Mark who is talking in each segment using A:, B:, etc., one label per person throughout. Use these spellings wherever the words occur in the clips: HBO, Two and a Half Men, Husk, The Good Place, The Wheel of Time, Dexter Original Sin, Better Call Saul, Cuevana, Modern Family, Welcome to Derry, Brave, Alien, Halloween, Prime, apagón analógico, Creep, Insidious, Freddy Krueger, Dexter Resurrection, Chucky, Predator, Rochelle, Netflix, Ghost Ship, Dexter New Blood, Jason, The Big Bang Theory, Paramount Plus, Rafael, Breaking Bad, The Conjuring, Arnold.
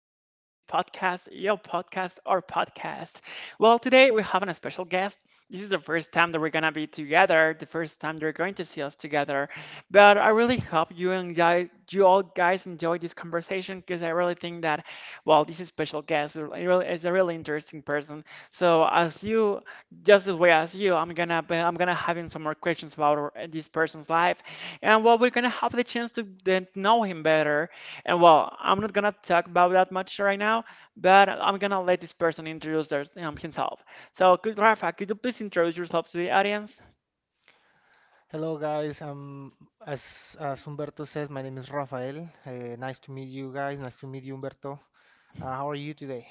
A: podcast, your podcast, our podcast. Well, today we have a special guest. This is the first time that we're going to be together, the first time you're going to see us together. But I really hope you and guys, you all guys enjoy this conversation because I really think that, well, this is special guest is a really interesting person. So as you, just as well as you, I'm gonna having some more questions about this person's life, and well, we're gonna have the chance to then know him better. And well, I'm not gonna talk about that much right now, but I'm gonna let this person introduce himself. So, could you please introduce yourself to the audience?
B: Hello guys, as as Humberto says, my name is Rafael. Nice to meet you guys. Nice to meet you, Humberto. How are you today?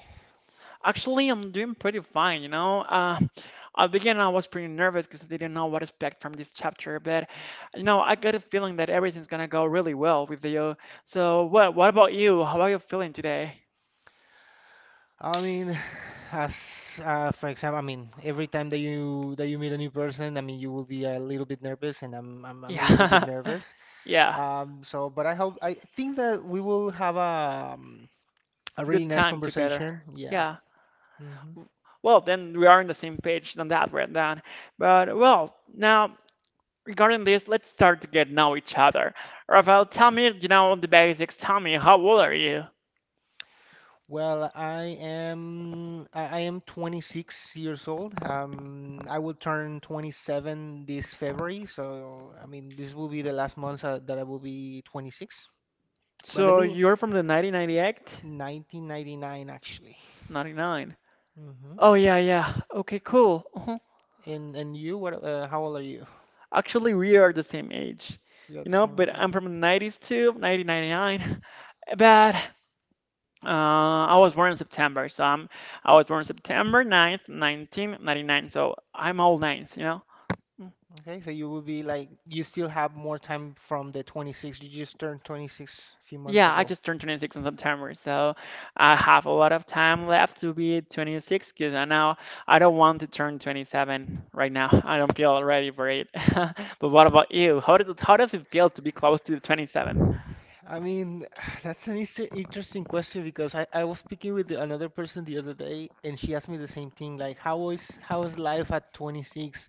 A: Actually, I'm doing pretty fine, you know. At the beginning, I was pretty nervous because I didn't know what to expect from this chapter, but you know, I got a feeling that everything's gonna go really well with you. So, what about you? How are you feeling today?
B: I mean, as for example, I mean, every time that you meet a new person, I mean, you will be a little bit nervous, and I'm a little bit
A: Yeah,
B: nervous.
A: yeah,
B: But I think that we will have a really
A: good
B: nice
A: time together.
B: conversation. Yeah.
A: Yeah.
B: Hmm.
A: Well, then we are on the same page on that one then. But well, now regarding this, let's start to get know each other. Rafael, tell me, you know, the basics. Tell me, how old are you?
B: Well, I am 26 years old. I will turn 27 this February, so I mean this will be the last month that I will be 26. But let
A: So
B: me,
A: you're from the 1998?
B: 1999 actually.
A: 99.
B: Hmm.
A: Oh yeah, yeah. Okay, cool.
B: And you, what? How old are you?
A: Actually, we are the same age.
B: You're
A: You
B: the
A: know,
B: same
A: but
B: age, I
A: I'm
B: think.
A: from the 90s too, 1999. But I was born in September, so I was born September 9th, 1999. So I'm all nines, you know.
B: Okay, so you will be like you still have more time from the 26. You just turned 26 a few months
A: Yeah, I
B: ago.
A: just turned 26 in September, so I have a lot of time left to be 26 because I don't want to turn 27 right now. I don't feel ready for it. But what about you? How did, how does it feel to be close to 27?
B: I mean, that's an interesting question because I was speaking with another person the other day and she asked me the same thing, like how is life at 26?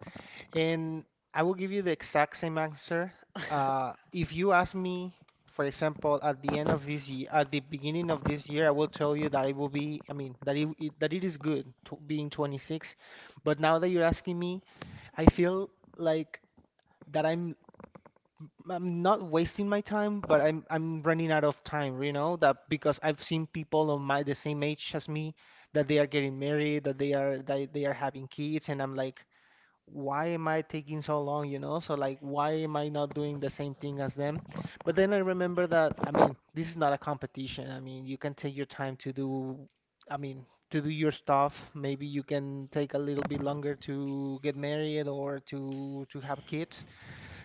B: And I will give you the exact same answer. If you ask me, for example, at the end of this year, at the beginning of this year, I will tell you that it will be, I mean, that it that it is good to being 26. But now that you're asking me, I feel like that I'm not wasting my time, but I'm running out of time, you know, that because I've seen people of my the same age as me that they are getting married, that they are having kids, and I'm like, why am I taking so long, you know? So like, why am I not doing the same thing as them? But then I remember that, I mean, this is not a competition. I mean, you can take your time to do, I mean, to do your stuff. Maybe you can take a little bit longer to get married or to have kids,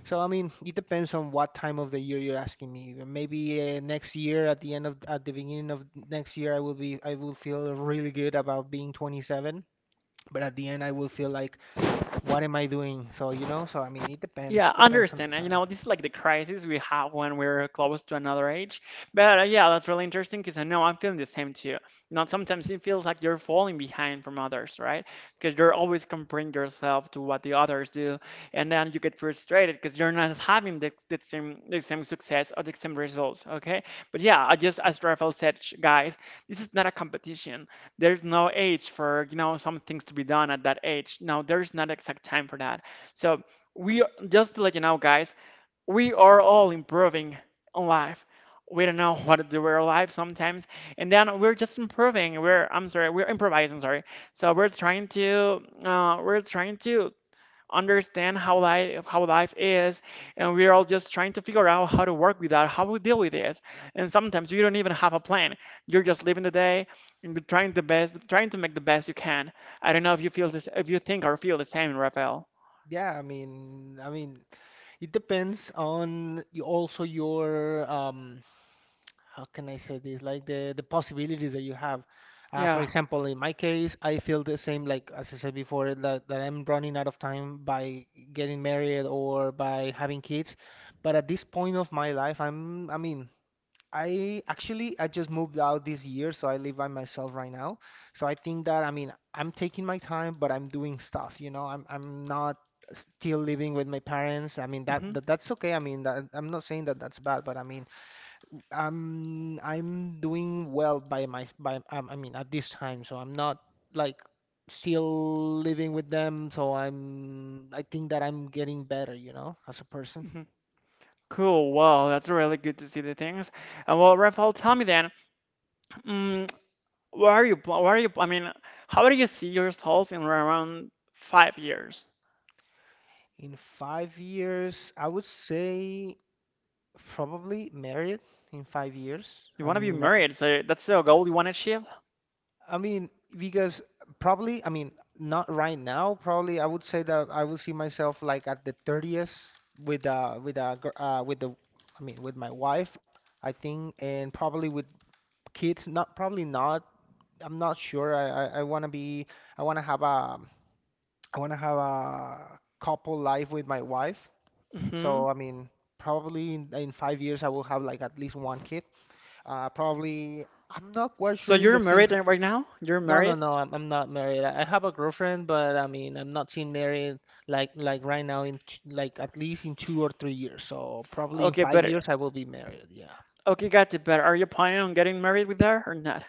B: so I mean, it depends on what time of the year you're asking me. Maybe next year, at the end of at the beginning of next year, I will feel really good about being 27. But at the end, I will feel like, what am I doing? So you know, so I mean, it depends.
A: Yeah,
B: It depends on the
A: understand. And you
B: time.
A: know, this is like the crisis we have when we're close to another age. But yeah, that's really interesting because I know I'm feeling the same too. You know, sometimes it feels like you're falling behind from others, right? Because you're always comparing yourself to what the others do, and then you get frustrated because you're not having the same the same success or the same results. Okay, but yeah, I just as Rafael said, guys, this is not a competition. There's no age for you know some things to be done at that age. No, there's not exact time for that. So we are, just to let you know, guys, we are all improving on life. We don't know what to do with our life sometimes, and then we're just improving. We're, I'm sorry, we're improvising, sorry. So we're trying to understand how life is, and we're all just trying to figure out how to work with that, how we deal with this. And sometimes you don't even have a plan. You're just living the day and you're trying the best, trying to make the best you can. I don't know if you feel this, if you think or feel the same, Raphael.
B: Yeah, I mean, it depends on also your um, how can I say this? Like the possibilities that you have. For
A: Yeah.
B: example, in my case, I feel the same. Like as I said before, that I'm running out of time by getting married or by having kids. But at this point of my life, I mean, I just moved out this year, so I live by myself right now. So I think that I mean I'm taking my time, but I'm doing stuff. You know, I'm not still living with my parents. I mean that,
A: Hmm.
B: that's okay. I mean that I'm not saying that that's bad, but I mean. I'm doing well by my by I mean at this time, so I'm not like still living with them, so I think that I'm getting better, you know, as a person.
A: Cool. Well, that's really good to see the things. And well, Rafael, tell me then, mm, Where are you? I mean, how do you see yourself in around 5 years?
B: In 5 years, I would say probably married in 5 years.
A: You want to be married, so that's the goal you want to achieve.
B: I mean, because probably, I mean, not right now, probably I would say that I will see myself like at the 30th with gr- with the I mean with my wife, I think, and probably with kids, not probably not. I'm not sure. I want to be, I want to have a I want to have a couple life with my wife.
A: Hmm.
B: So, I mean, probably in 5 years I will have like at least one kid. Uh, probably I'm not quite
A: So
B: sure in
A: you're
B: the same.
A: married right now? You're
B: No, no,
A: married?
B: no. I'm not married. I have a girlfriend, but I mean, I'm not seeing married like right now in like at least in 2 or 3 years. So probably in
A: Okay,
B: five
A: better.
B: years I will be married. Yeah.
A: Okay, got it. Better. Are you planning on getting married with her or not?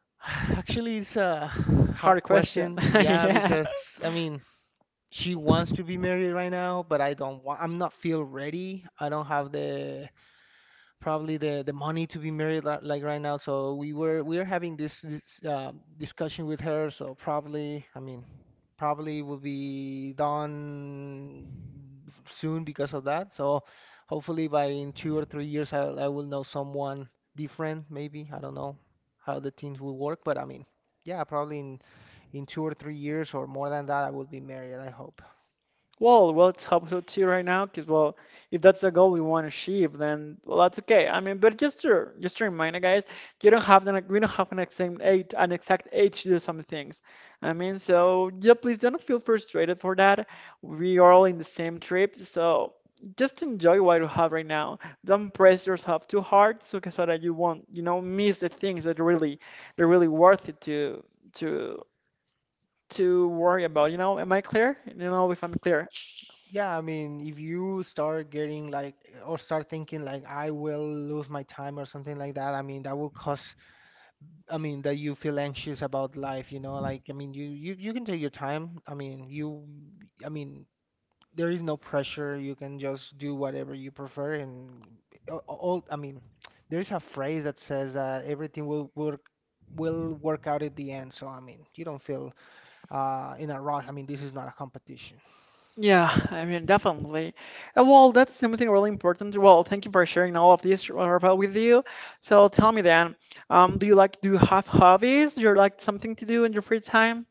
B: Actually, it's a hard
A: Hard question.
B: question. Yeah,
A: Yeah.
B: because I mean, she wants to be married right now, but I don't want. I'm not feel ready. I don't have the probably the money to be married like right now. So we are having this, discussion with her. So probably, I mean, probably will be done soon because of that. So hopefully by in 2 or 3 years, I will know someone different. Maybe I don't know how the things will work, but I mean, yeah, probably in 2 or 3 years or more than that, I will be married. I hope.
A: Well, well, it's us to so right now, because well, if that's the goal we want to achieve, then well, that's okay. I mean, but just to remind you guys, you don't have an we don't have an exact age to do some things. I mean, so yeah, please don't feel frustrated for that. We are all in the same trip, so just enjoy what you have right now. Don't press yourself too hard, so that you won't, you know, miss the things that really, that are really worth it to to to worry about. You know, am I clear? You know, if I'm clear.
B: Yeah, I mean, if you start getting like, or start thinking like, I will lose my time or something like that, I mean, that will cause, I mean, that you feel anxious about life, you know, like, I mean, you can take your time. I mean, you, I mean, there is no pressure. You can just do whatever you prefer. And all, I mean, there is a phrase that says that will work out at the end. So, I mean, you don't feel in a rush. I mean, this is not a competition.
A: Yeah, I mean, definitely. And well, that's something really important. Well, thank you for sharing all of this, Rafael, with you. So tell me then, do you have hobbies? Do you like something to do in your free time?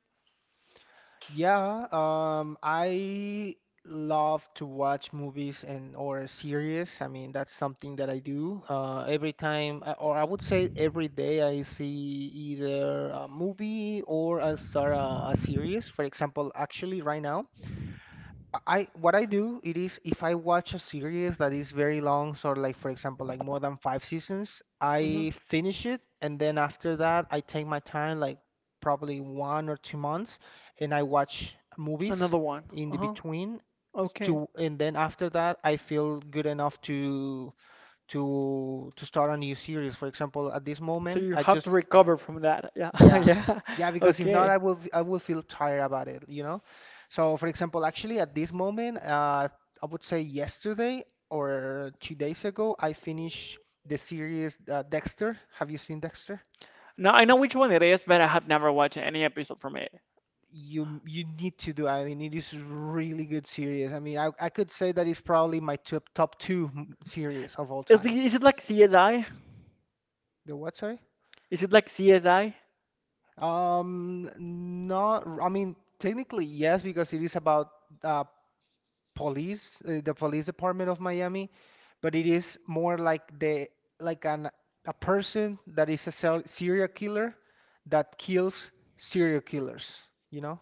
B: Yeah, I love to watch movies and or series. I mean, that's something that I do every time, or I would say every day. I see either a movie or I start a series. For example, actually right now, I what I do it is if I watch a series that is very long, so like for example, like more than five seasons,
A: Hmm.
B: I finish it and then after that I take my time, like probably 1 or 2 months, and I watch movies
A: Another one.
B: in the
A: Uh-huh.
B: between
A: Okay.
B: to, and then after that I feel good enough to start a new series. For example, at this
A: So
B: moment
A: you
B: I
A: have to
B: just,
A: recover from that. Yeah.
B: yeah,
A: Yeah.
B: yeah, because if not,
A: Okay.
B: I will feel tired about it, you know? So, for example, actually at this moment, I would say yesterday or 2 days ago, I finished the series Dexter. Have you seen Dexter?
A: Now I know which one it is, but I have never watched any episode from it.
B: You need to do. I mean, it is really good series. I mean, I could say that it's probably my top two series of all
A: Is the,
B: time.
A: is it like CSI?
B: The what, sorry?
A: Is it like CSI?
B: Not. I mean, technically yes, because it is about uh, police, the police department of Miami, but it is more like the like an a person that is a serial killer that kills serial killers, you know?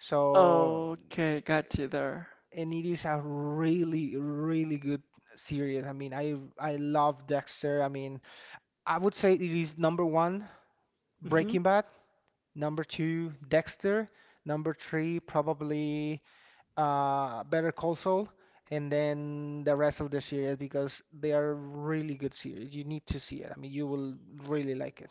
B: So,
A: Okay, got you there.
B: and it is a really good series. I mean, I love Dexter. I mean, I would say it is number one
A: Mhm.
B: Breaking Bad, number two Dexter, number three probably Better Call Saul, and then the rest of the series because they are really good series. You need to see it. I mean, you will really like it.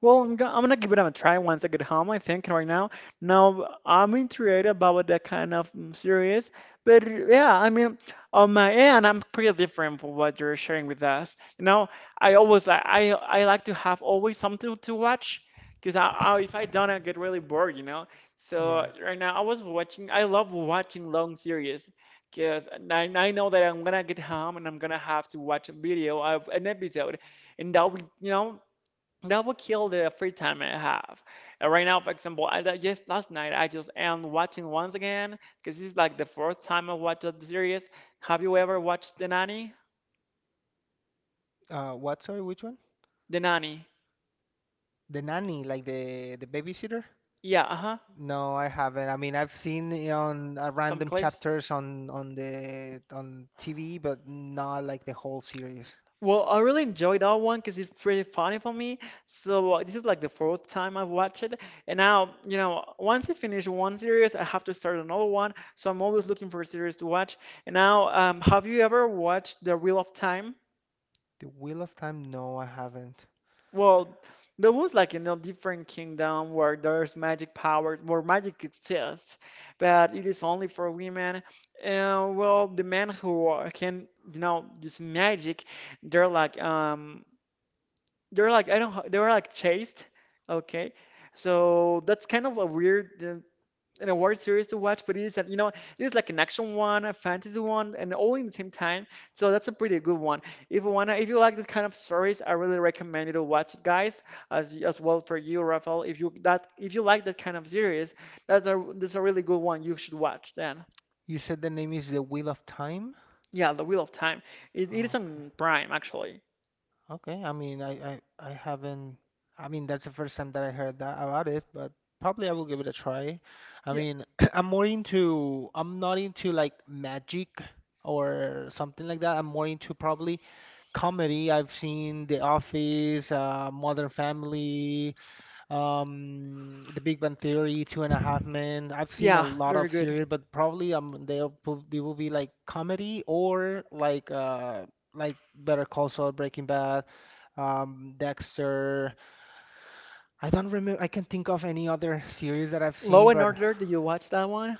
A: Well, I'm gonna give it a try once I get home, I think, right now. Now, I'm intrigued about that kind of series, but yeah, I mean, on my end, I'm pretty different from what you're sharing with us. You know, I like to have always something to watch, because if I don't, I get really bored, you know? So
B: Yeah.
A: right now, I was watching, I love watching long series, because I know that I'm gonna get home and I'm gonna have to watch a video of an episode, and that will, you know, that would kill the free time I have. And right now, for example, just last night I just am watching once again because this is like the fourth time I watched the series. Have you ever watched The Nanny?
B: What? Sorry, which one?
A: The Nanny.
B: The nanny, like the babysitter?
A: Yeah, uh-huh.
B: No, I haven't. I mean, I've seen it on
A: Some
B: random
A: clips.
B: chapters on the on TV, but not like the whole series.
A: Well, I really enjoyed that one because it's pretty funny for me. So this is like the fourth time I've watched it, and now you know once I finish one series, I have to start another one. So I'm always looking for a series to watch. And now, have you ever watched The Wheel of Time?
B: The Wheel of Time? No, I haven't.
A: Well, there was like in a different kingdom where there's magic power, where magic exists, but it is only for women. And well, the can, you know, use magic, they're like, um, they're like, I don't, ho- they're like chaste, okay? So that's kind of a weird an award series to watch, but it is, you know, it's like an action one, a fantasy one, and all in the same time. So that's a pretty good one. If you like that kind of stories, I really recommend you to watch it, guys. As well for you, Rafael. If you like that kind of series, that's a really good one you should watch. Then,
B: You said the name is The Wheel of Time?
A: yeah, The Wheel of Time. It is
B: Okay.
A: on Prime actually.
B: Okay, I mean, I haven't. I mean, that's the first time that I heard that about it, but probably I will give it a try. I
A: Yeah,
B: mean, I'm more into. I'm not into like magic or something like that. I'm more into probably comedy. I've seen The Office, Modern Family, The Big Bang Theory, Two and a Half Men. I've seen a
A: yeah,
B: lot
A: very
B: of
A: good.
B: series, but probably they will be like comedy or like uh, like Better Call Saul, Breaking Bad, Dexter. I don't remember. I can't think of any other series that I've
A: Law
B: seen,
A: and
B: but
A: Order, did you watch that one?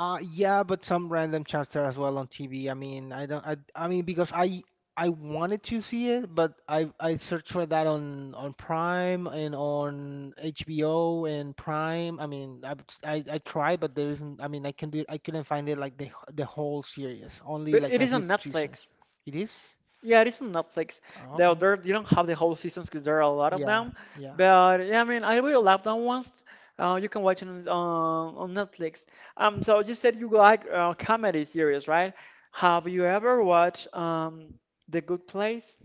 B: yeah, but some random chapter as well on TV. I mean, I don't. I mean, because I wanted to see it, but I searched for that on Prime and on HBO and Prime. I mean, I tried, but there isn't. I mean, I can do. I couldn't find it like the whole series. Only
A: But
B: like
A: it
B: a
A: is
B: few
A: on
B: seasons.
A: Netflix.
B: It is.
A: Yeah, it is on Netflix.
B: Oh,
A: Though
B: okay.
A: there you don't have the whole seasons because there are a lot of
B: Yeah.
A: them.
B: Yeah.
A: But yeah, I mean, I really love that ones. You can watch it on, on Netflix. So you said you like comedy series, right? Have you ever watched The Good Place?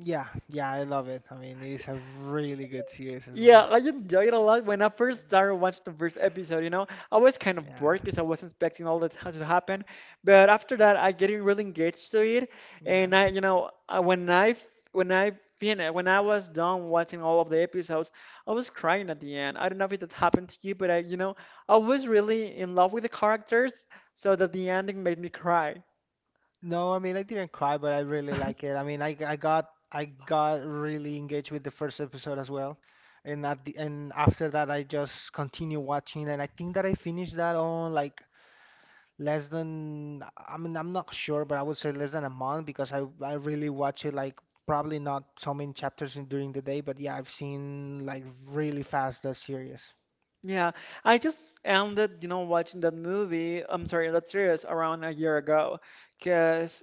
B: Yeah, yeah, I love it. I mean, it's a really good series as
A: Yeah,
B: well.
A: I enjoyed it a lot when I first started watching the first episode, you know. I was kind of
B: Yeah,
A: bored because I wasn't expecting all that to happen. But after that, I getting really engaged to it.
B: yeah.
A: And I, you know, when I finished, when I was done watching all of the episodes, I was crying at the end. I don't know if it happened to you, but I, you know, I was really in love with the characters, so that the ending made me cry.
B: No, I mean, I didn't cry, but I really like it. I mean, I got really engaged with the first episode as well, and at the and after that, I just continue watching, and I think that I finished that on like less than I mean, I'm not sure, but I would say less than a month because I really watch it like probably not so many chapters during the day, but yeah, I've seen like really fast the series.
A: Yeah, I just ended, you know, watching that that series around a year ago. Cause.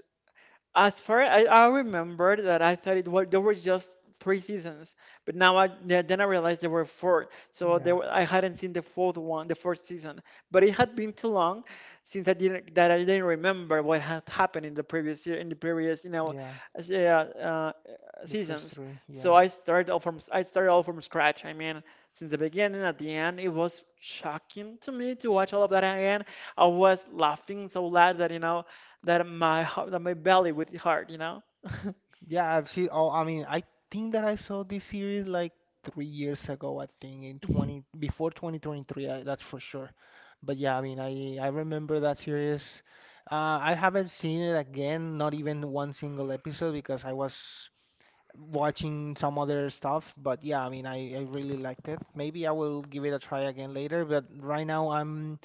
A: As far I remember that I thought it was there were just three seasons, but now I yeah, then I realized there were four. So there
B: Yeah,
A: were, I hadn't seen the fourth one, the fourth season, but it had been too long since I didn't remember what had happened in the previous you know
B: yeah.
A: as- yeah, uh,
B: The first
A: seasons.
B: three,
A: So
B: yeah.
A: I started all from scratch. I mean, since the beginning at the end, it was shocking to me to watch all of that again. I was laughing so loud that you know that my belly with the heart, you know?
B: Yeah, I've seen all I mean, I think that I saw this series like 3 years ago, I think in
A: Hmm.
B: 20 before 2023, that's for sure. But yeah, I mean, I remember that series. I haven't seen it again, not even one single episode because I was watching some other stuff, but yeah, I mean, I really liked it. Maybe I will give it a try again later, but right now I'm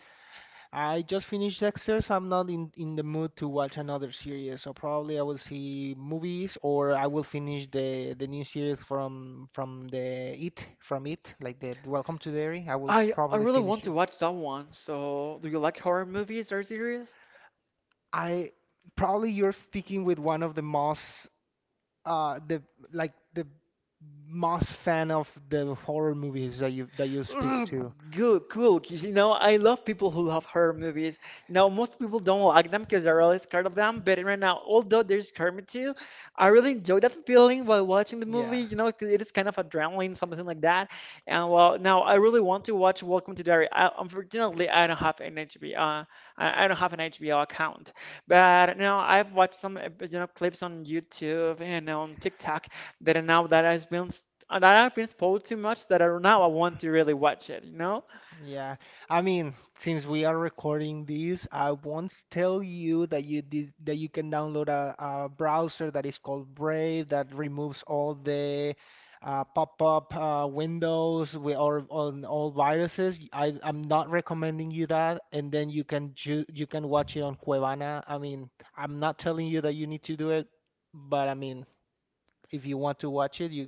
B: I just finished Dexter, so I'm not in the mood to watch another series. So probably I will see movies or I will finish the new series from It, like the Welcome to Derry. I will
A: I
B: probably
A: really want
B: finish
A: to
B: it.
A: watch that one. So, do you like horror movies or series?
B: I Probably you're speaking with one of the uh the like the most fan of the horror movies that you speak
A: Ugh,
B: to.
A: cool, cool. 'Cause I love people who love horror movies. Now, most people don't like them because they're really scared of them. But right now, although they're scared me too, I really enjoy that feeling while watching the movie.
B: Yeah.
A: You know, 'cause it is kind of adrenaline, something like that. And well, now I really want to watch Welcome to Derry. Unfortunately, I don't have an HBO. I don't have an HBO account. But you know, I've watched some, clips on YouTube and on TikTok, that I now that I've been that I've been spoiled too much that I now I want to really watch it, you know?
B: Yeah, I mean, since we are recording this, I won't tell you that you can download a browser that is called Brave that removes all the pop-up windows with or on all viruses. I'm not recommending you that. And then you can watch it on Cuevana. I mean, I'm not telling you that you need to do it, but I mean, if you want to watch it,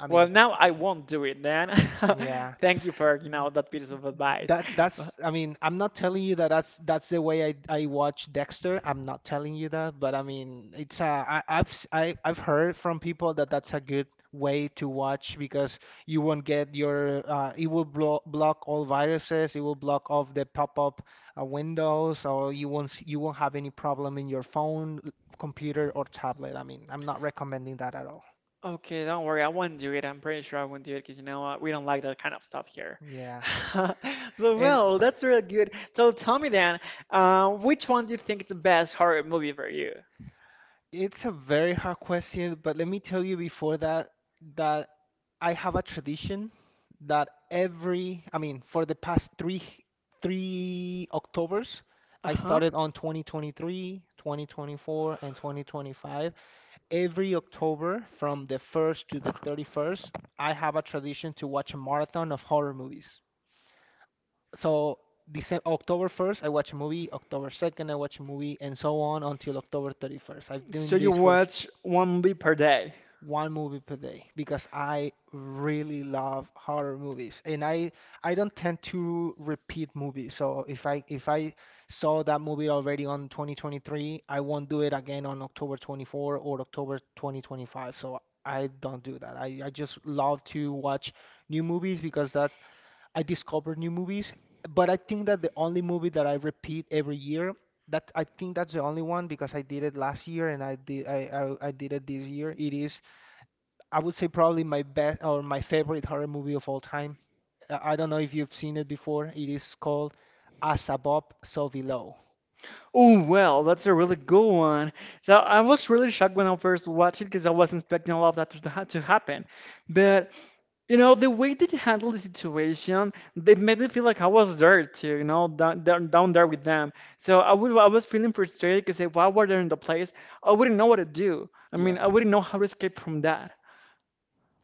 B: I
A: Well,
B: mean,
A: now I won't do it then.
B: yeah.
A: Thank you for, that piece of advice. Uh,
B: That's I mean I'm not telling you that that's the way I watch Dexter. I'm not telling you that, but I mean it's I, I've s- I, I've heard from people that that's a good way to watch because you won't get your it will block all viruses, it will block off the pop-up windows, so you won't have any problem in your phone, computer or tablet. I mean, I'm not recommending that at all.
A: Okay, don't worry, I won't do it. I'm pretty sure I won't do it because you know what? We don't like that kind of stuff here.
B: Yeah.
A: So,
B: And.
A: well, that's really good. So tell me then, which one do you think is the best horror movie for you?
B: It's a very hard question, but let me tell you before that I have a tradition that I mean, for the past three Octobers, I
A: Uh-huh.
B: started on 2023, 2024, and 2025. Every October from the 1st to the 31st, I have a tradition to watch a marathon of horror movies. So October 1st, I watch a movie, October 2nd, I watch a movie, and so on until October 31st. I've been
A: So
B: doing
A: you
B: this for
A: watch one movie per day.
B: one movie per day because I really love horror movies, and I don't tend to repeat movies. So if I saw that movie already on 2023, I won't do it again on October 24 or October 2025. So I don't do that. I just love to watch new movies because that I discover new movies. But I think that the only movie that I repeat every year, that I think that's the only one because I did it last year, and I did it this year. It is, I would say, probably my best or my favorite horror movie of all time. I don't know if you've seen it before. It is called As Above, So Below.
A: Oh, well, that's a really good one. So I was really shocked when I first watched it because I wasn't expecting all of that to, to happen. But, you know, the way they handled the situation, they made me feel like I was there too, you know, down there with them. I was feeling frustrated because if I were there in the place, I wouldn't know what to do. I mean,
B: Yeah,
A: I wouldn't know how to escape from that.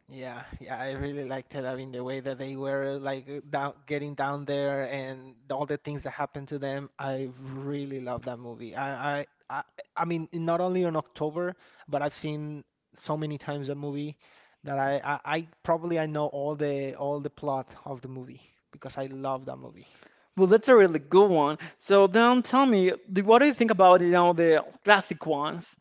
B: yeah, yeah. I really liked it. I mean, the way that they were like down, getting down there, and all the things that happened to them. I really love that movie. I mean, not only on October, but I've seen so many times the movie that I probably I know all the plot of the movie because I love that movie.
A: Well, that's a really good one. So then tell me, what do you think about, you know, the classic ones?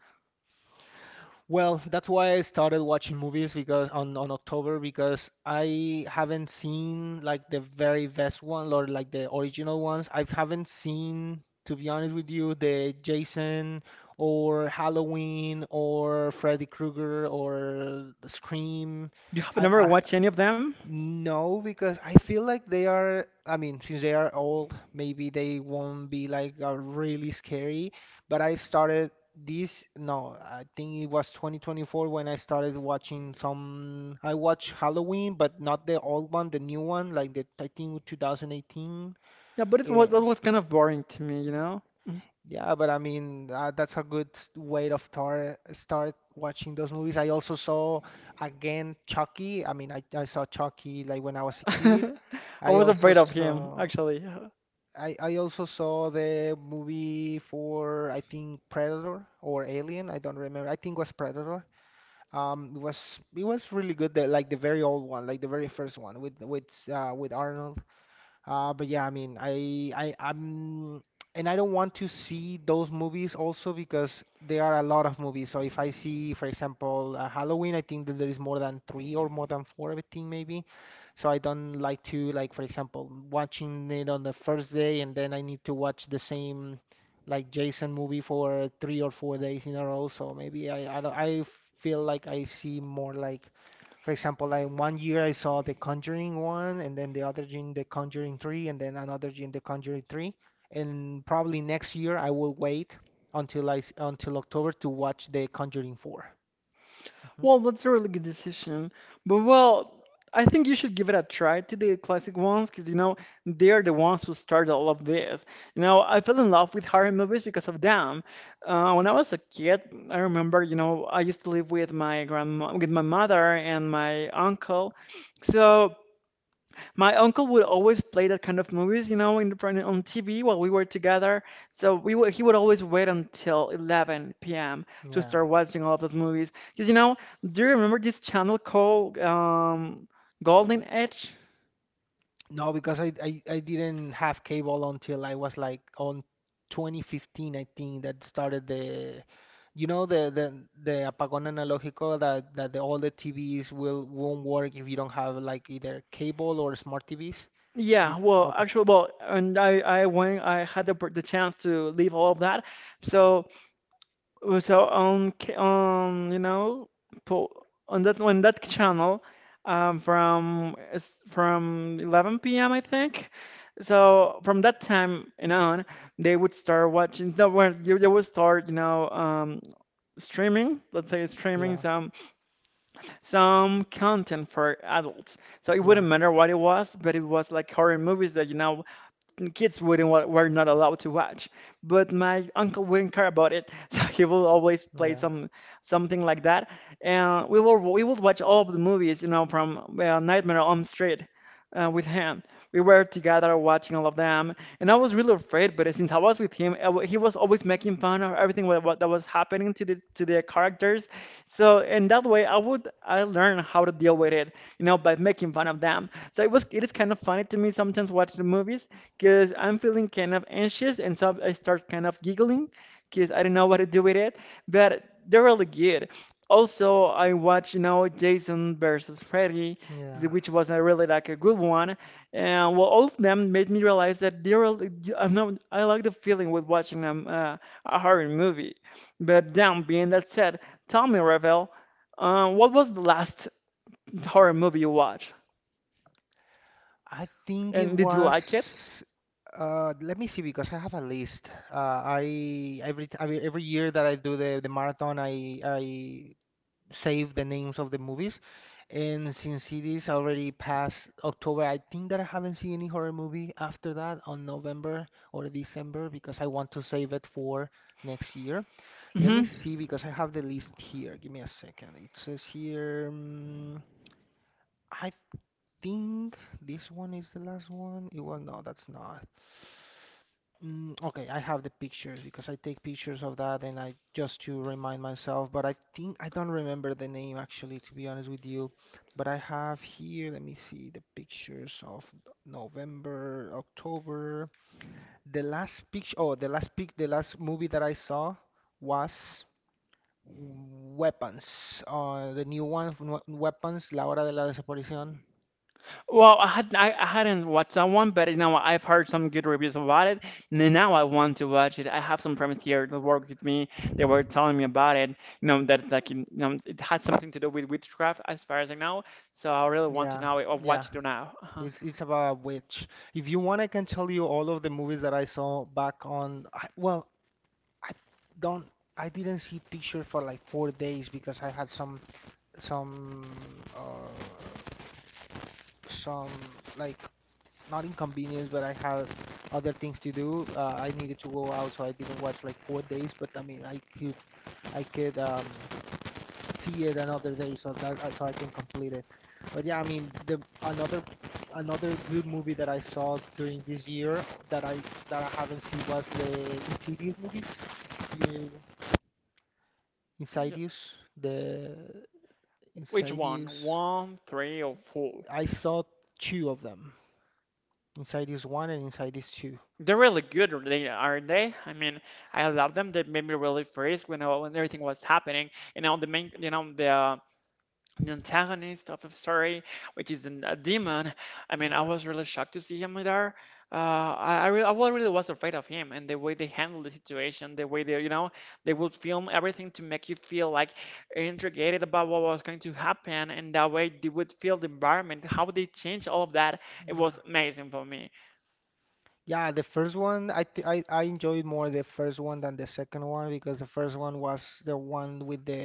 B: Well, that's why I started watching movies because on October, because I haven't seen like the very best one or like the original ones. I haven't seen, to be honest with you, the Jason or Halloween or Freddy Krueger or Scream.
A: You have never
B: I
A: watched any of them?
B: No, because I feel like they are, I mean, since they are old, maybe they won't be like really scary. But I started this, no, I think it was 2024 when I started watching some. I watch Halloween, but not the old one, the new one, like the I think 2018.
A: Yeah, but it was
B: Yeah.
A: that was kind of boring to me, you know?
B: Yeah, but I mean that's a good way to start watching those movies. I also saw again Chucky. I mean, I saw Chucky like when I was a kid.
A: I
B: I
A: was
B: also
A: afraid of him,
B: saw
A: actually.
B: I also saw the movie for, I think, Predator or Alien. I don't remember. I think it was Predator. It was really good. Like the very old one, like the very first one with Arnold. But yeah, I mean, and I don't want to see those movies also because there are a lot of movies. So if I see, for example, Halloween, I think that there is more than three or more than four, I think maybe. So I don't like to, like, for example, watching it on the first day and then I need to watch the same, like, Jason movie for 3 or 4 days in a row. So maybe I don't, I feel like I see more like, for example, like one year I saw The Conjuring one, and then the other year The Conjuring three, and then another year The Conjuring three. And probably next year I will wait until October to watch The Conjuring 4. hmm
A: Well, that's a really good decision. But well, I think you should give it a try to the classic ones, because you know, they're the ones who started all of this. You know, I fell in love with horror movies because of them. When I was a kid, I remember, you know, I used to live with my grandma, with my mother and my uncle. So my uncle would always play that kind of movies, you know, on TV while we were together. He would always wait until 11 p.m. to
B: Yeah.
A: start watching all of those movies. Because, you know, do you remember this channel called Golden Edge?
B: No, because I didn't have cable until I was like on 2015. I think that started the you know the apagón analógico all the TVs will won't work if you don't have like either cable or smart TVs.
A: Yeah, well,
B: Okay.
A: actually, well, I went, I had the chance to leave all of that. So with our own you know on that channel from it's from 11 p.m. I think so from that time and on they would start watching no, well, they would start you know streaming, let's say streaming
B: Yeah,
A: some content for adults, so it
B: yeah,
A: wouldn't matter what it was, but it was like horror movies that you know and kids wouldn't wa- were not allowed to watch. But my uncle wouldn't care about it, so he will always play
B: yeah,
A: some something like that, and we would watch all of the movies, you know, from Nightmare on Elm Street with him. We were together watching all of them, and I was really afraid. But since I was with him, he was always making fun of everything what that was happening to the characters. So in that way, I learned how to deal with it, you know, by making fun of them. So it is kind of funny to me sometimes watch the movies, because I'm feeling kind of anxious and so I start kind of giggling because I don't know what to do with it, but they're really good. Also, I watch you know Jason versus Freddy,
B: yeah.
A: which was a really like a good one, and well, all of them made me realize that they're really, I'm not I like the feeling with watching them a horror movie. But damn, being that said, tell me, Ravel, what was the last horror movie you watched,
B: I think it
A: and did you
B: was.
A: like it?
B: Let me see because I have a list. I every t- every year that I do the marathon, I save the names of the movies, and since it is already past October, I think that I haven't seen any horror movie after that on November or December because I want to save it for next year. Let me
A: Hmm.
B: see because I have the list here. Give me a second. It says here. I think this one is the last one. It was, no, that's not. Okay, I have the pictures because I take pictures of that and I just to remind myself. But I think I don't remember the name actually, to be honest with you. But I have here. Let me see the pictures of November, October. The last picture. Oh, the last pic. The last movie that I saw was. Weapons, the new one, from Weapons, La Hora de la Desaparición.
A: Well, I hadn't watched that one, but you know I've heard some good reviews about it. And now I want to watch it. I have some friends here that work with me. They were telling me about it. You know that like you know it had something to do with witchcraft, as far as I know. So I really want to
B: Yeah,
A: know of what
B: yeah.
A: to do now. Uh-huh.
B: It's about a witch. If you want, I can tell you all of the movies that I saw back on. I, well, I don't. I didn't see pictures for like 4 days because I had some some uh, some, like, not inconvenience, but I had other things to do. I needed to go out, so I didn't watch like 4 days. But I mean, I could see it another day so that so I can complete it. But yeah, I mean the another another good movie that I saw during this year, that I that I haven't seen, was the Insidious movies. You,
A: Yeah.
B: Insidious, the
A: Which one?
B: Insidious.
A: One, three, or four?
B: I saw two of them, Insidious one and Insidious two.
A: They're really good, aren't they? I mean, I love them. They made me really freeze when everything was happening. You know the main, you know the antagonist of the story, which is a demon. I mean, I
B: Yeah,
A: was really shocked to see him there. I really was afraid of him and the way they handled the situation, the way they, you know, they would film everything to make you feel like intrigued about what was going to happen, and that way they would feel the environment, how they changed all of that. It was
B: yeah.
A: amazing for me.
B: Yeah, the first one I th I enjoyed more, the first one than the second one, because the first one was the one with the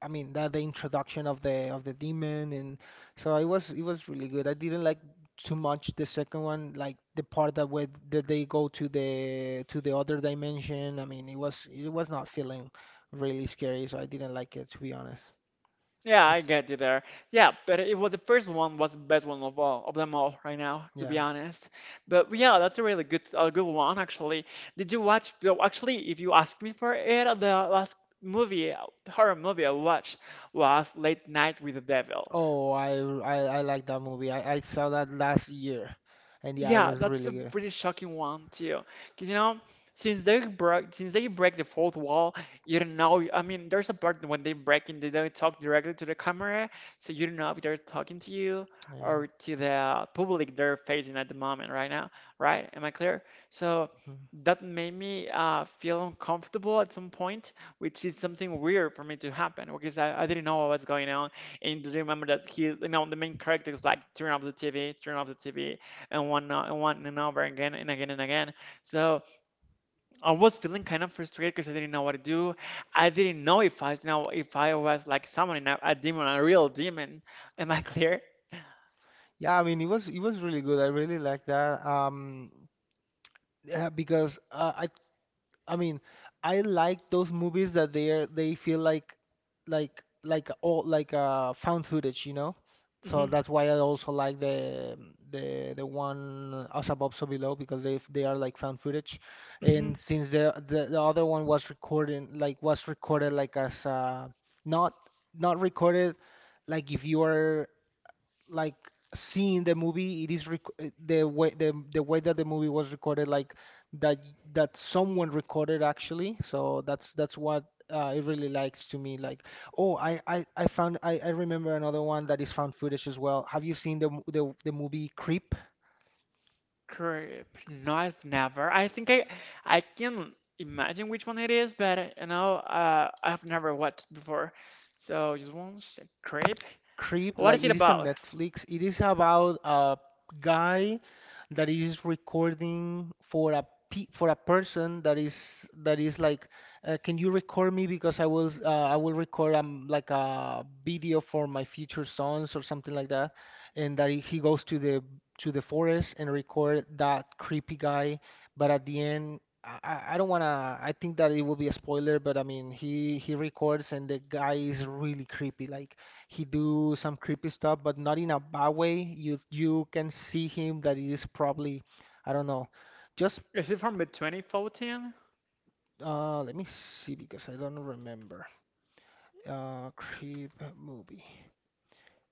B: I mean the, the introduction of the demon, and so it was really good. I didn't like too much the second one, like the part that where that they go to the other dimension. I mean, it was not feeling really scary, so I didn't like it, to be honest.
A: Yeah, I
B: Yes.
A: get you there. Yeah, but it was the first one was the best one of all of them all right now, to be
B: Yeah.
A: honest. But yeah, that's a really good a good one actually. Did you watch? Though, Actually, if you ask me for it, the last movie, horror movie I watched was Late Night with the Devil.
B: Oh, I like that movie. I saw that last year, and yeah, it
A: Yeah,
B: was
A: that's
B: really
A: a
B: good.
A: pretty shocking one too. Because you know, since they break the fourth wall, you don't know. I mean, there's a part when they break in, they don't talk directly to the camera, so you don't know if they're talking to you
B: Yeah.
A: or to the public they're facing at the moment right now, right? Am I clear? So
B: Mhm.
A: that made me feel uncomfortable at some point, which is something weird for me to happen because I didn't know what was going on. And do you remember that he, you know, the main character is like, turn off the TV, turn off the TV and and one and over again and again and again. So I was feeling kind of frustrated because I didn't know what to do. I didn't know if I was like summoning a demon, a real demon. Am I clear?
B: Yeah, I mean, it was really good. I really like that. Yeah, because I mean, I like those movies that they feel like found footage, you know? So
A: Hmm.
B: that's why I also like the one Us Above So Below, because they are like found footage,
A: Hmm.
B: and since the other one was recording like was recorded like as not not recorded like if you are like seeing the movie. It is rec the way the way that the movie was recorded, like that that someone recorded actually. So that's what it really likes to me. Like, oh, I remember another one that is found footage as well. Have you seen the m- the movie Creep?
A: Creep. No, I've never. I think I can imagine which one it is, but you know, I've never watched before. So just one sec. Creep.
B: Creep,
A: What
B: like
A: is it
B: it is on
A: about?
B: Netflix. It is about a guy that is recording for a pe for a person that is like, can you record me because I will record like a video for my future sons or something like that, and that he goes to the forest and record that creepy guy. But at the end, I don't wanna. I think that it will be a spoiler, but I mean, he records and the guy is really creepy. Like, he do some creepy stuff, but not in a bad way. You can see him that he is probably, I don't know, just
A: Is it from the 2014?
B: let me see because I don't remember. Creep movie.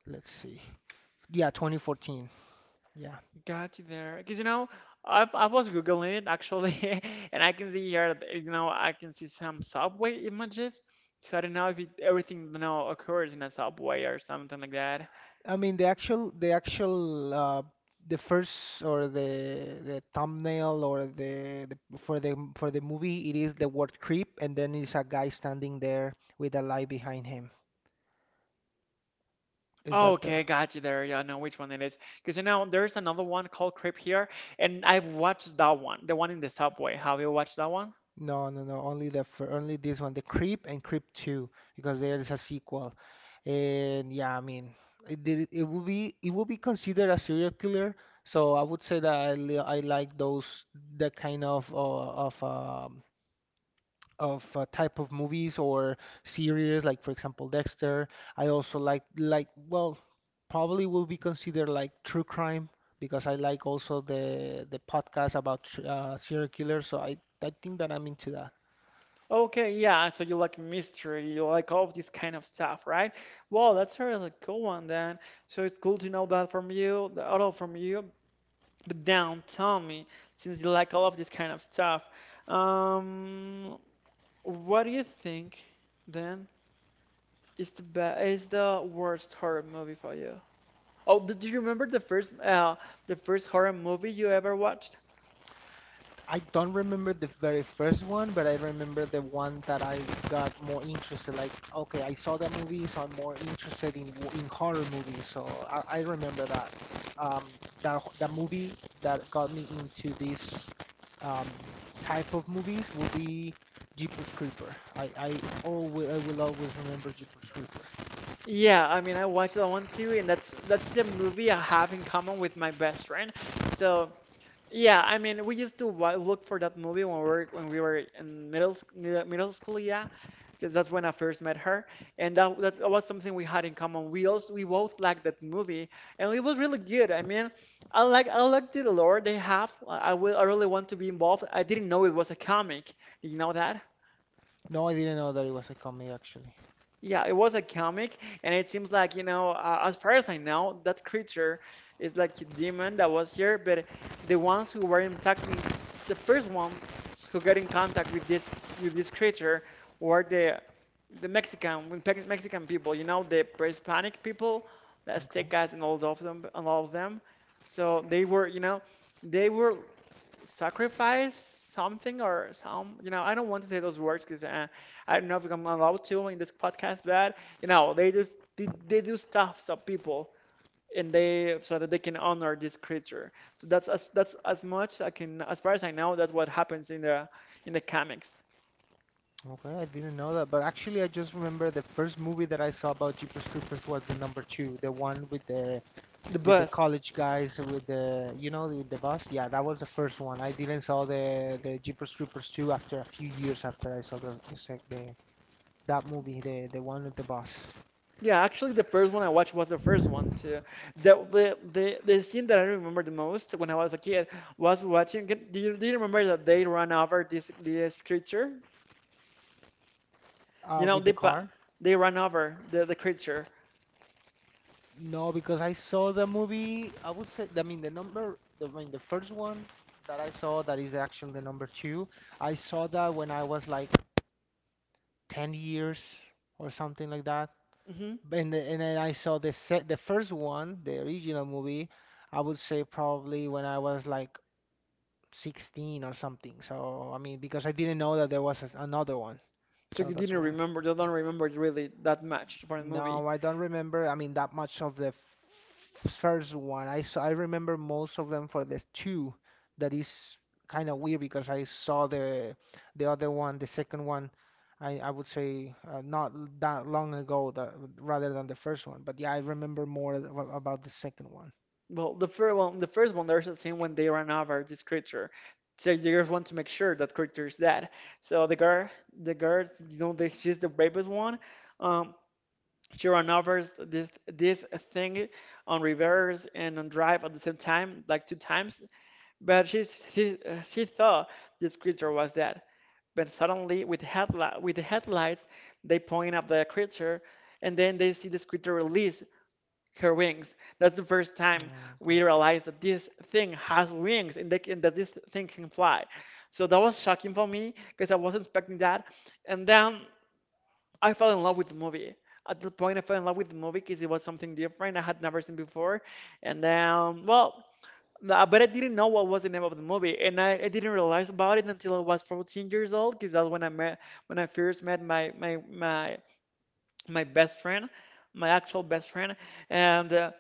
B: Let's see. Yeah, 2014. Yeah.
A: Got you there. Because you know, I was Googling it actually, and I can see here that you know I can see some subway images. So I don't know if it, everything you know occurs in a subway or something like that.
B: I mean the first or the thumbnail or the for the for the movie, it is the word creep, and then it's a guy standing there with a light behind him. Is that the —
A: Okay, got you there. Yeah, I know which one it is. Because you know, there's another one called Crip here, and I've watched that one, the one in the subway. Have you watched that one?
B: No, no, no. Only only this one, the Creep and Creep 2, because there is a sequel. And yeah, I mean, it will be considered a serial killer. So I would say that I like those, that kind of type of movies or series, like for example Dexter. I also like well, probably will be considered like true crime because I like also the podcast about serial killers. So I think that I'm into that.
A: Okay, yeah. So you like mystery, you like all of this kind of stuff, right? Well, that's a really cool one then. So it's cool to know that from you, the auto from you. But down, tell me, since you like all of this kind of stuff, um, what do you think then is the be is the worst horror movie for you? Oh, do you remember the first horror movie you ever watched?
B: I don't remember the very first one, but I remember the one that I got more interested. Like, okay, I saw that movie, so I'm more interested in horror movies. So I remember that. Um, that movie that got me into this um, type of movies would be Jeepers Creeper. I always I will always remember Jeepers Creeper.
A: Yeah, I mean I watched that one too, and that's the movie I have in common with my best friend. So yeah, I mean, we used to look for that movie when we were in middle middle school, yeah, because that's when I first met her, and that was something we had in common. We both liked that movie, and it was really good. I mean, I like the lore they have. I really want to be involved. I didn't know it was a comic. Did you know that?
B: No, I didn't know that it was a comedy actually.
A: Yeah, it was a comic, and it seems like, you know, as far as I know, that creature is like a demon that was here, but the ones who were attacking, the first ones who got in contact with this creature were the Mexican Mexican people, you know, the Hispanic people, the
B: Okay.
A: Aztecas and all of them. So they were, they were sacrifice something or some. I don't want to say those words because I don't know if I'm allowed to in this podcast. But you know, they just they do stuff so people and they so that they can honor this creature. So that's as much I can as far as I know, that's what happens in the comics.
B: Okay, I didn't know that, but actually, I just remember the first movie that I saw about Jeepers Creepers was the number two, the one with the —
A: The
B: with the
A: best.
B: college guys with the bus. Yeah, that was the first one. I didn't saw the Jeepers Creepers two after a few years after I saw the, sec- the that movie, the one with the bus,
A: Yeah, actually the first one I watched was the first one too. The scene that I remember the most when I was a kid was do you remember that they run over this creature? You know,
B: with the car.
A: they ran over the creature.
B: No, because I saw the movie. I would say, I mean, I mean, the first one that I saw, that is actually the number two. I saw that when I was like 10 years or something like that.
A: Hmm.
B: And then I saw the first one, the original movie. I would say probably when I was like 16 or something. So I mean, because I didn't know that there was another one.
A: So
B: So
A: you
B: that's
A: didn't
B: why.
A: remember, you don't remember really that much from the
B: No,
A: movie.
B: I don't remember. I mean, that much of the first one. I remember most of them for the two. That is kind of weird because I saw the other one, the second one. I would say not l- that long ago, rather than the first one. But yeah, I remember more about the second one.
A: Well, the first one, there's a scene when they run over this creature. So the girls want to make sure that creature is dead. So the girl, you know, the, she's the bravest one. Um, she ran over this thing on reverse and on drive at the same time, like two times. But she thought this creature was dead. But suddenly, with headli with the headlights, they point at the creature, and then they see this creature release her wings. That's the first time
B: Mm, Okay.
A: we realize that this thing has wings, and they can, that this thing can fly. So that was shocking for me because I wasn't expecting that. And then I fell in love with the movie. At the point, I fell in love with the movie because it was something different I had never seen before. And then, well, nah, but I didn't know what was the name of the movie, and I didn't realize about it until I was 14 years old, because that's when I met when I first met my best friend, my actual best friend, and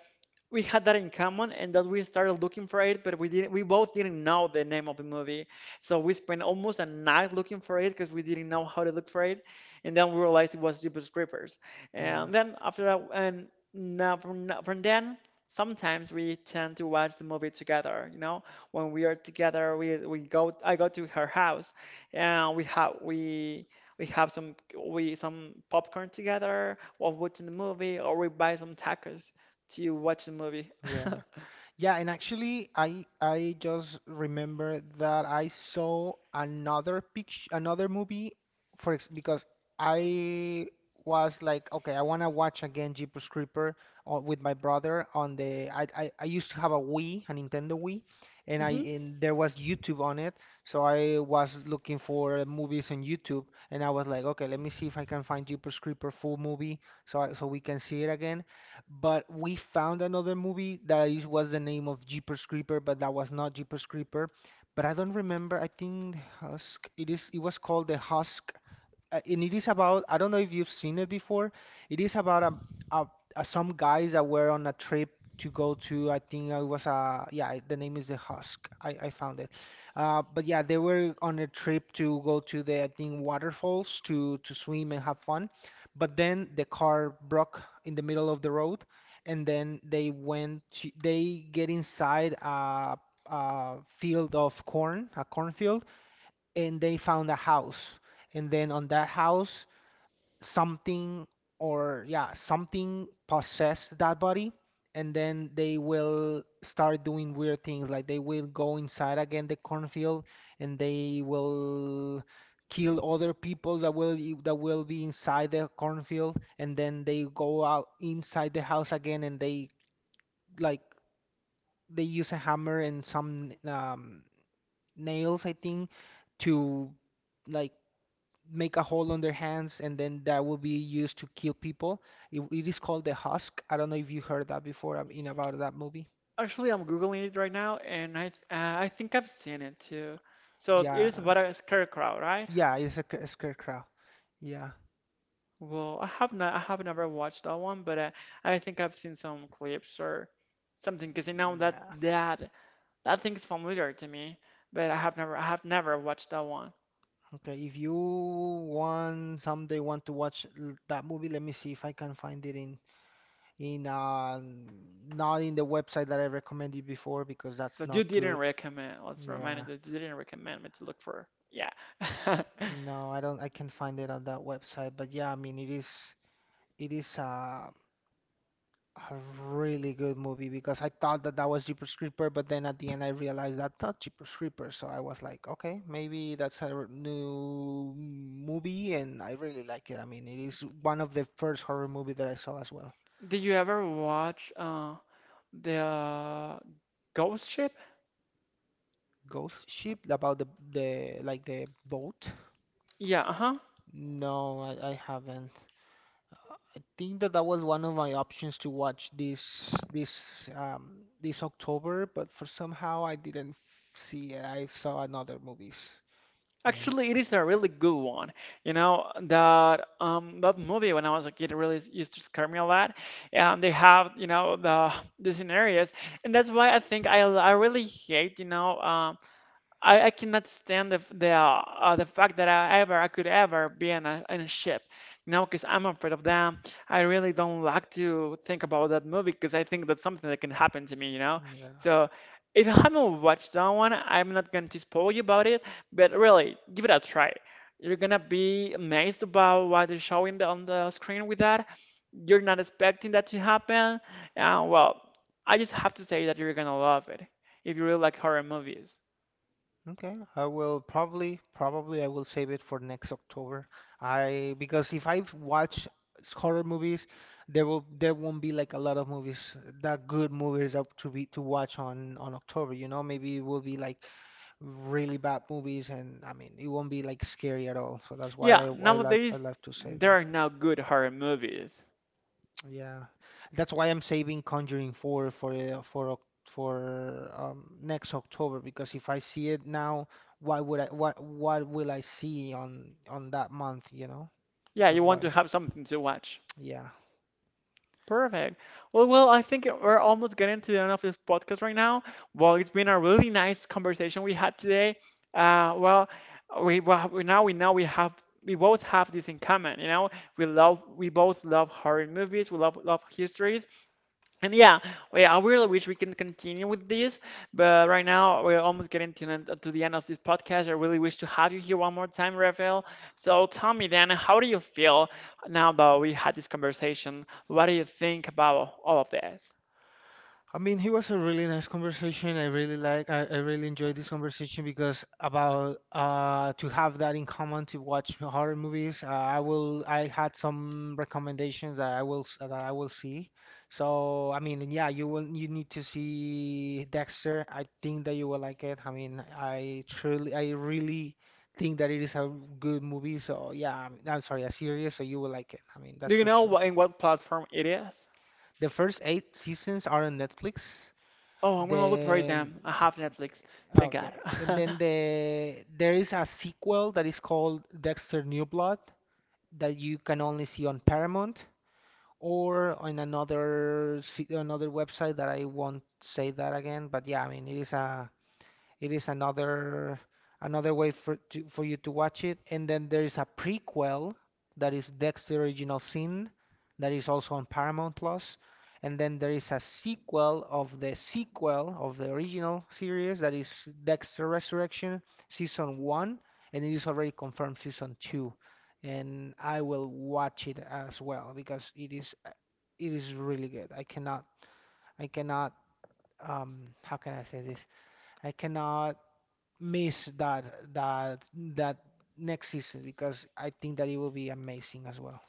A: we had that in common, and that we started looking for it, but we didn't, we both didn't know the name of the movie, so we spent almost a night looking for it because we didn't know how to look for it. And then we realized it was Jeepers Creepers.
B: Yeah.
A: And then after that, and now from then sometimes we tend to watch the movie together. You know, when we are together, we go, I go to her house, and we have some, we some popcorn together while watching the movie, or we buy some tacos. Do you watch the movie?
B: Yeah. Yeah, and actually, I just remember that I saw another picture, another movie, for ex because I was like, okay, I wanna watch again Jeepers Creeper with my brother on the. I used to have a Wii, a Nintendo Wii, and I
A: Hmm.
B: and there was YouTube on it, so I was looking for movies on YouTube, and I was like, okay, let me see if I can find Jeepers Creeper full movie, so so we can see it again. But we found another movie that was the name of Jeepers Creeper, but that was not Jeepers Creeper. But I don't remember. I think Husk. It is. It was called The Husk, and it is about — I don't know if you've seen it before. It is about a, a some guys that were on a trip to go to I think it was a. Yeah, the name is the Husk. I found it. But yeah, they were on a trip to go to the, I think, waterfalls to swim and have fun. But then the car broke in the middle of the road, and then they get inside a field of corn, a cornfield, and they found a house. And then on that house, something or yeah, something possessed that body. And then they will start doing weird things. Like, they will go inside again the cornfield, and they will kill other people that will be inside the cornfield. And then they go out inside the house again and they like they use a hammer and some nails, I think, to like make a hole on their hands, and then that will be used to kill people. It is called the Husk. I don't know if you heard that before in about that movie.
A: Actually, I'm googling it right now, and I think I've seen it too. So it is
B: Yeah,
A: about a scarecrow, right?
B: yeah, it's a scarecrow. Yeah,
A: Well, I have never watched that one, but I think I've seen some clips or something, because you know that
B: yeah.
A: that that thing is familiar to me, but I have never watched that one.
B: Okay, if you want someday want to watch that movie, let me see if I can find it in in uh not in the website that I recommended before because that's
A: That you
B: not
A: didn't
B: good.
A: recommend. Let's remind you
B: Yeah.
A: that you didn't recommend me to look for. Yeah.
B: No, I don't I can find it on that website, but yeah, I mean it is it is uh A really good movie because I thought that that was Jeepers Creeper, but then at the end I realized that's not Jeepers Creeper. So I was like, okay, maybe that's a new movie, and I really like it. I mean, it is one of the first horror movie that I saw as well.
A: Did you ever watch the Ghost Ship?
B: Ghost Ship, about the like the boat.
A: Yeah, uh-huh.
B: No, I haven't. Think that that was one of my options to watch this October, but for somehow I didn't see it. I saw another movies. Yeah.
A: Actually, it is a really good one. You know, that that movie when I was a kid really used to scare me a lot. And they have, you know, the scenarios. And that's why I think I really hate, you know, I cannot stand the fact that I could ever be in a ship, you know, because I'm afraid of them. I really don't like to think about that movie because I think that's something that can happen to me, you know.
B: Yeah.
A: So if you haven't watched that one, I'm not going to spoil you about it, but really give it a try. You're gonna be amazed about what they're showing on the screen with that. You're not expecting that to happen. Uh, well, I just have to say that you're gonna love it if you really like horror movies.
B: Okay. I will probably, probably I will save it for next October. I, because if I watch horror movies, there won't be like a lot of movies that good movies up to be to watch on October. You know, maybe it will be like really bad movies, and I mean it won't be like scary at all. So that's why
A: Yeah,
B: I
A: nowadays
B: like to save
A: there
B: them.
A: are now good horror movies.
B: Yeah, that's why I'm saving Conjuring 4 for next October, because if I see it now, why would I what will I see on that month, you know?
A: Yeah,
B: That's
A: you want
B: why.
A: to have something to watch.
B: Yeah.
A: Perfect. Well, I think we're almost getting to the end of this podcast right now. Well, it's been a really nice conversation we had today. Uh, well, well, we Now we know we have, we both have this in common. You know, we both love horror movies. We love histories. And yeah, well, yeah, I really wish we can continue with this, but right now we're almost getting to, to the end of this podcast. I really wish to have you here one more time, Rafael. So tell me then, how do you feel now that we had this conversation? What do you think about all of this?
B: I mean, he was a really nice conversation. I really like, I really enjoyed this conversation because about to have that in common to watch horror movies. I had some recommendations that that I will see. So I mean, yeah, you need to see Dexter. I think that you will like it. I mean, I really think that it is a good movie. So yeah, I'm sorry, a series. So you will like it. I mean, that's
A: Do you
B: for
A: know
B: sure.
A: what, in what platform it is?
B: The first 8 seasons are on Netflix.
A: Oh, I'm gonna look for it
B: Then
A: then. I have Netflix. Thank God.
B: okay, and then there is a sequel that is called Dexter New Blood that you can only see on Paramount or on another website that I won't say that again. But yeah, I mean it is a it is another way for for you to watch it. And then there is a prequel that is Dexter Original Sin, that is also on Paramount Plus. And then there is a sequel of the original series, that is Dexter Resurrection season 1, and it is already confirmed season 2. And I will watch it as well because it is really good. I cannot how can I say this? I cannot miss that that that next season because I think that it will be amazing as well.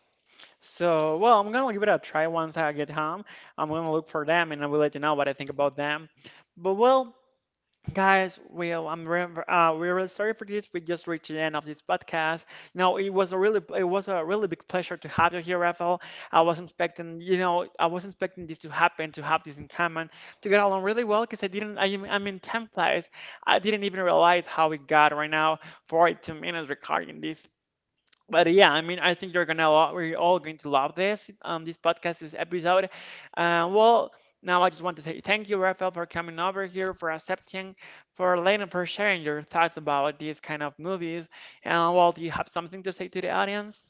A: So, well, I'm gonna give it a try once I get home. I'm gonna look for them, and I will let you know what I think about them. But well, guys, well, I'm re we're really sorry for this. We just reached the end of this podcast. You know, it was a really, it was a really big pleasure to have you here, Rafael. I wasn't expecting, you know, I wasn't expecting this to happen, to have this in common, to get along really well, because I'm in 10th place. I didn't even realize how we got right now 42 minutes recording this. But yeah, I mean, I think you're gonna we're all going to love this this podcast, this episode. Uh, well, Now I just want to say thank you, Rafael, for coming over here, for accepting, for Lena, for sharing your thoughts about these kind of movies. And well, do you have something to say to the audience?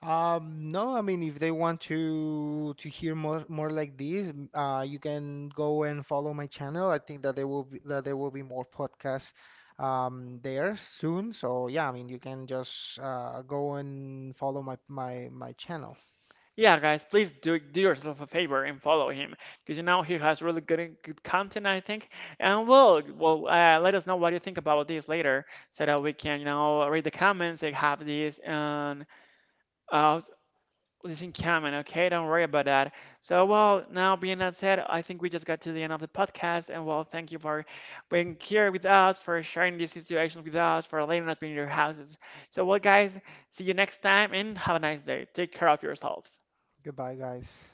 B: No, I mean if they want to hear more like this, you can go and follow my channel. I think that there will be more podcasts there soon. So yeah, I mean you can just go and follow my channel.
A: Yeah, guys, please do yourself a favor and follow him, because you know he has really good content, I think. And well, let us know what you think about this later, so that we can, you know, read the comments and have this Uh, this in common, okay? Don't worry about that. So, well, now being that said, I think we just got to the end of the podcast, and well, thank you for being here with us, for sharing these situations with us, for letting us be in your houses. So, well, guys, see you next time, and have a nice day. Take care of yourselves.
B: Goodbye, guys.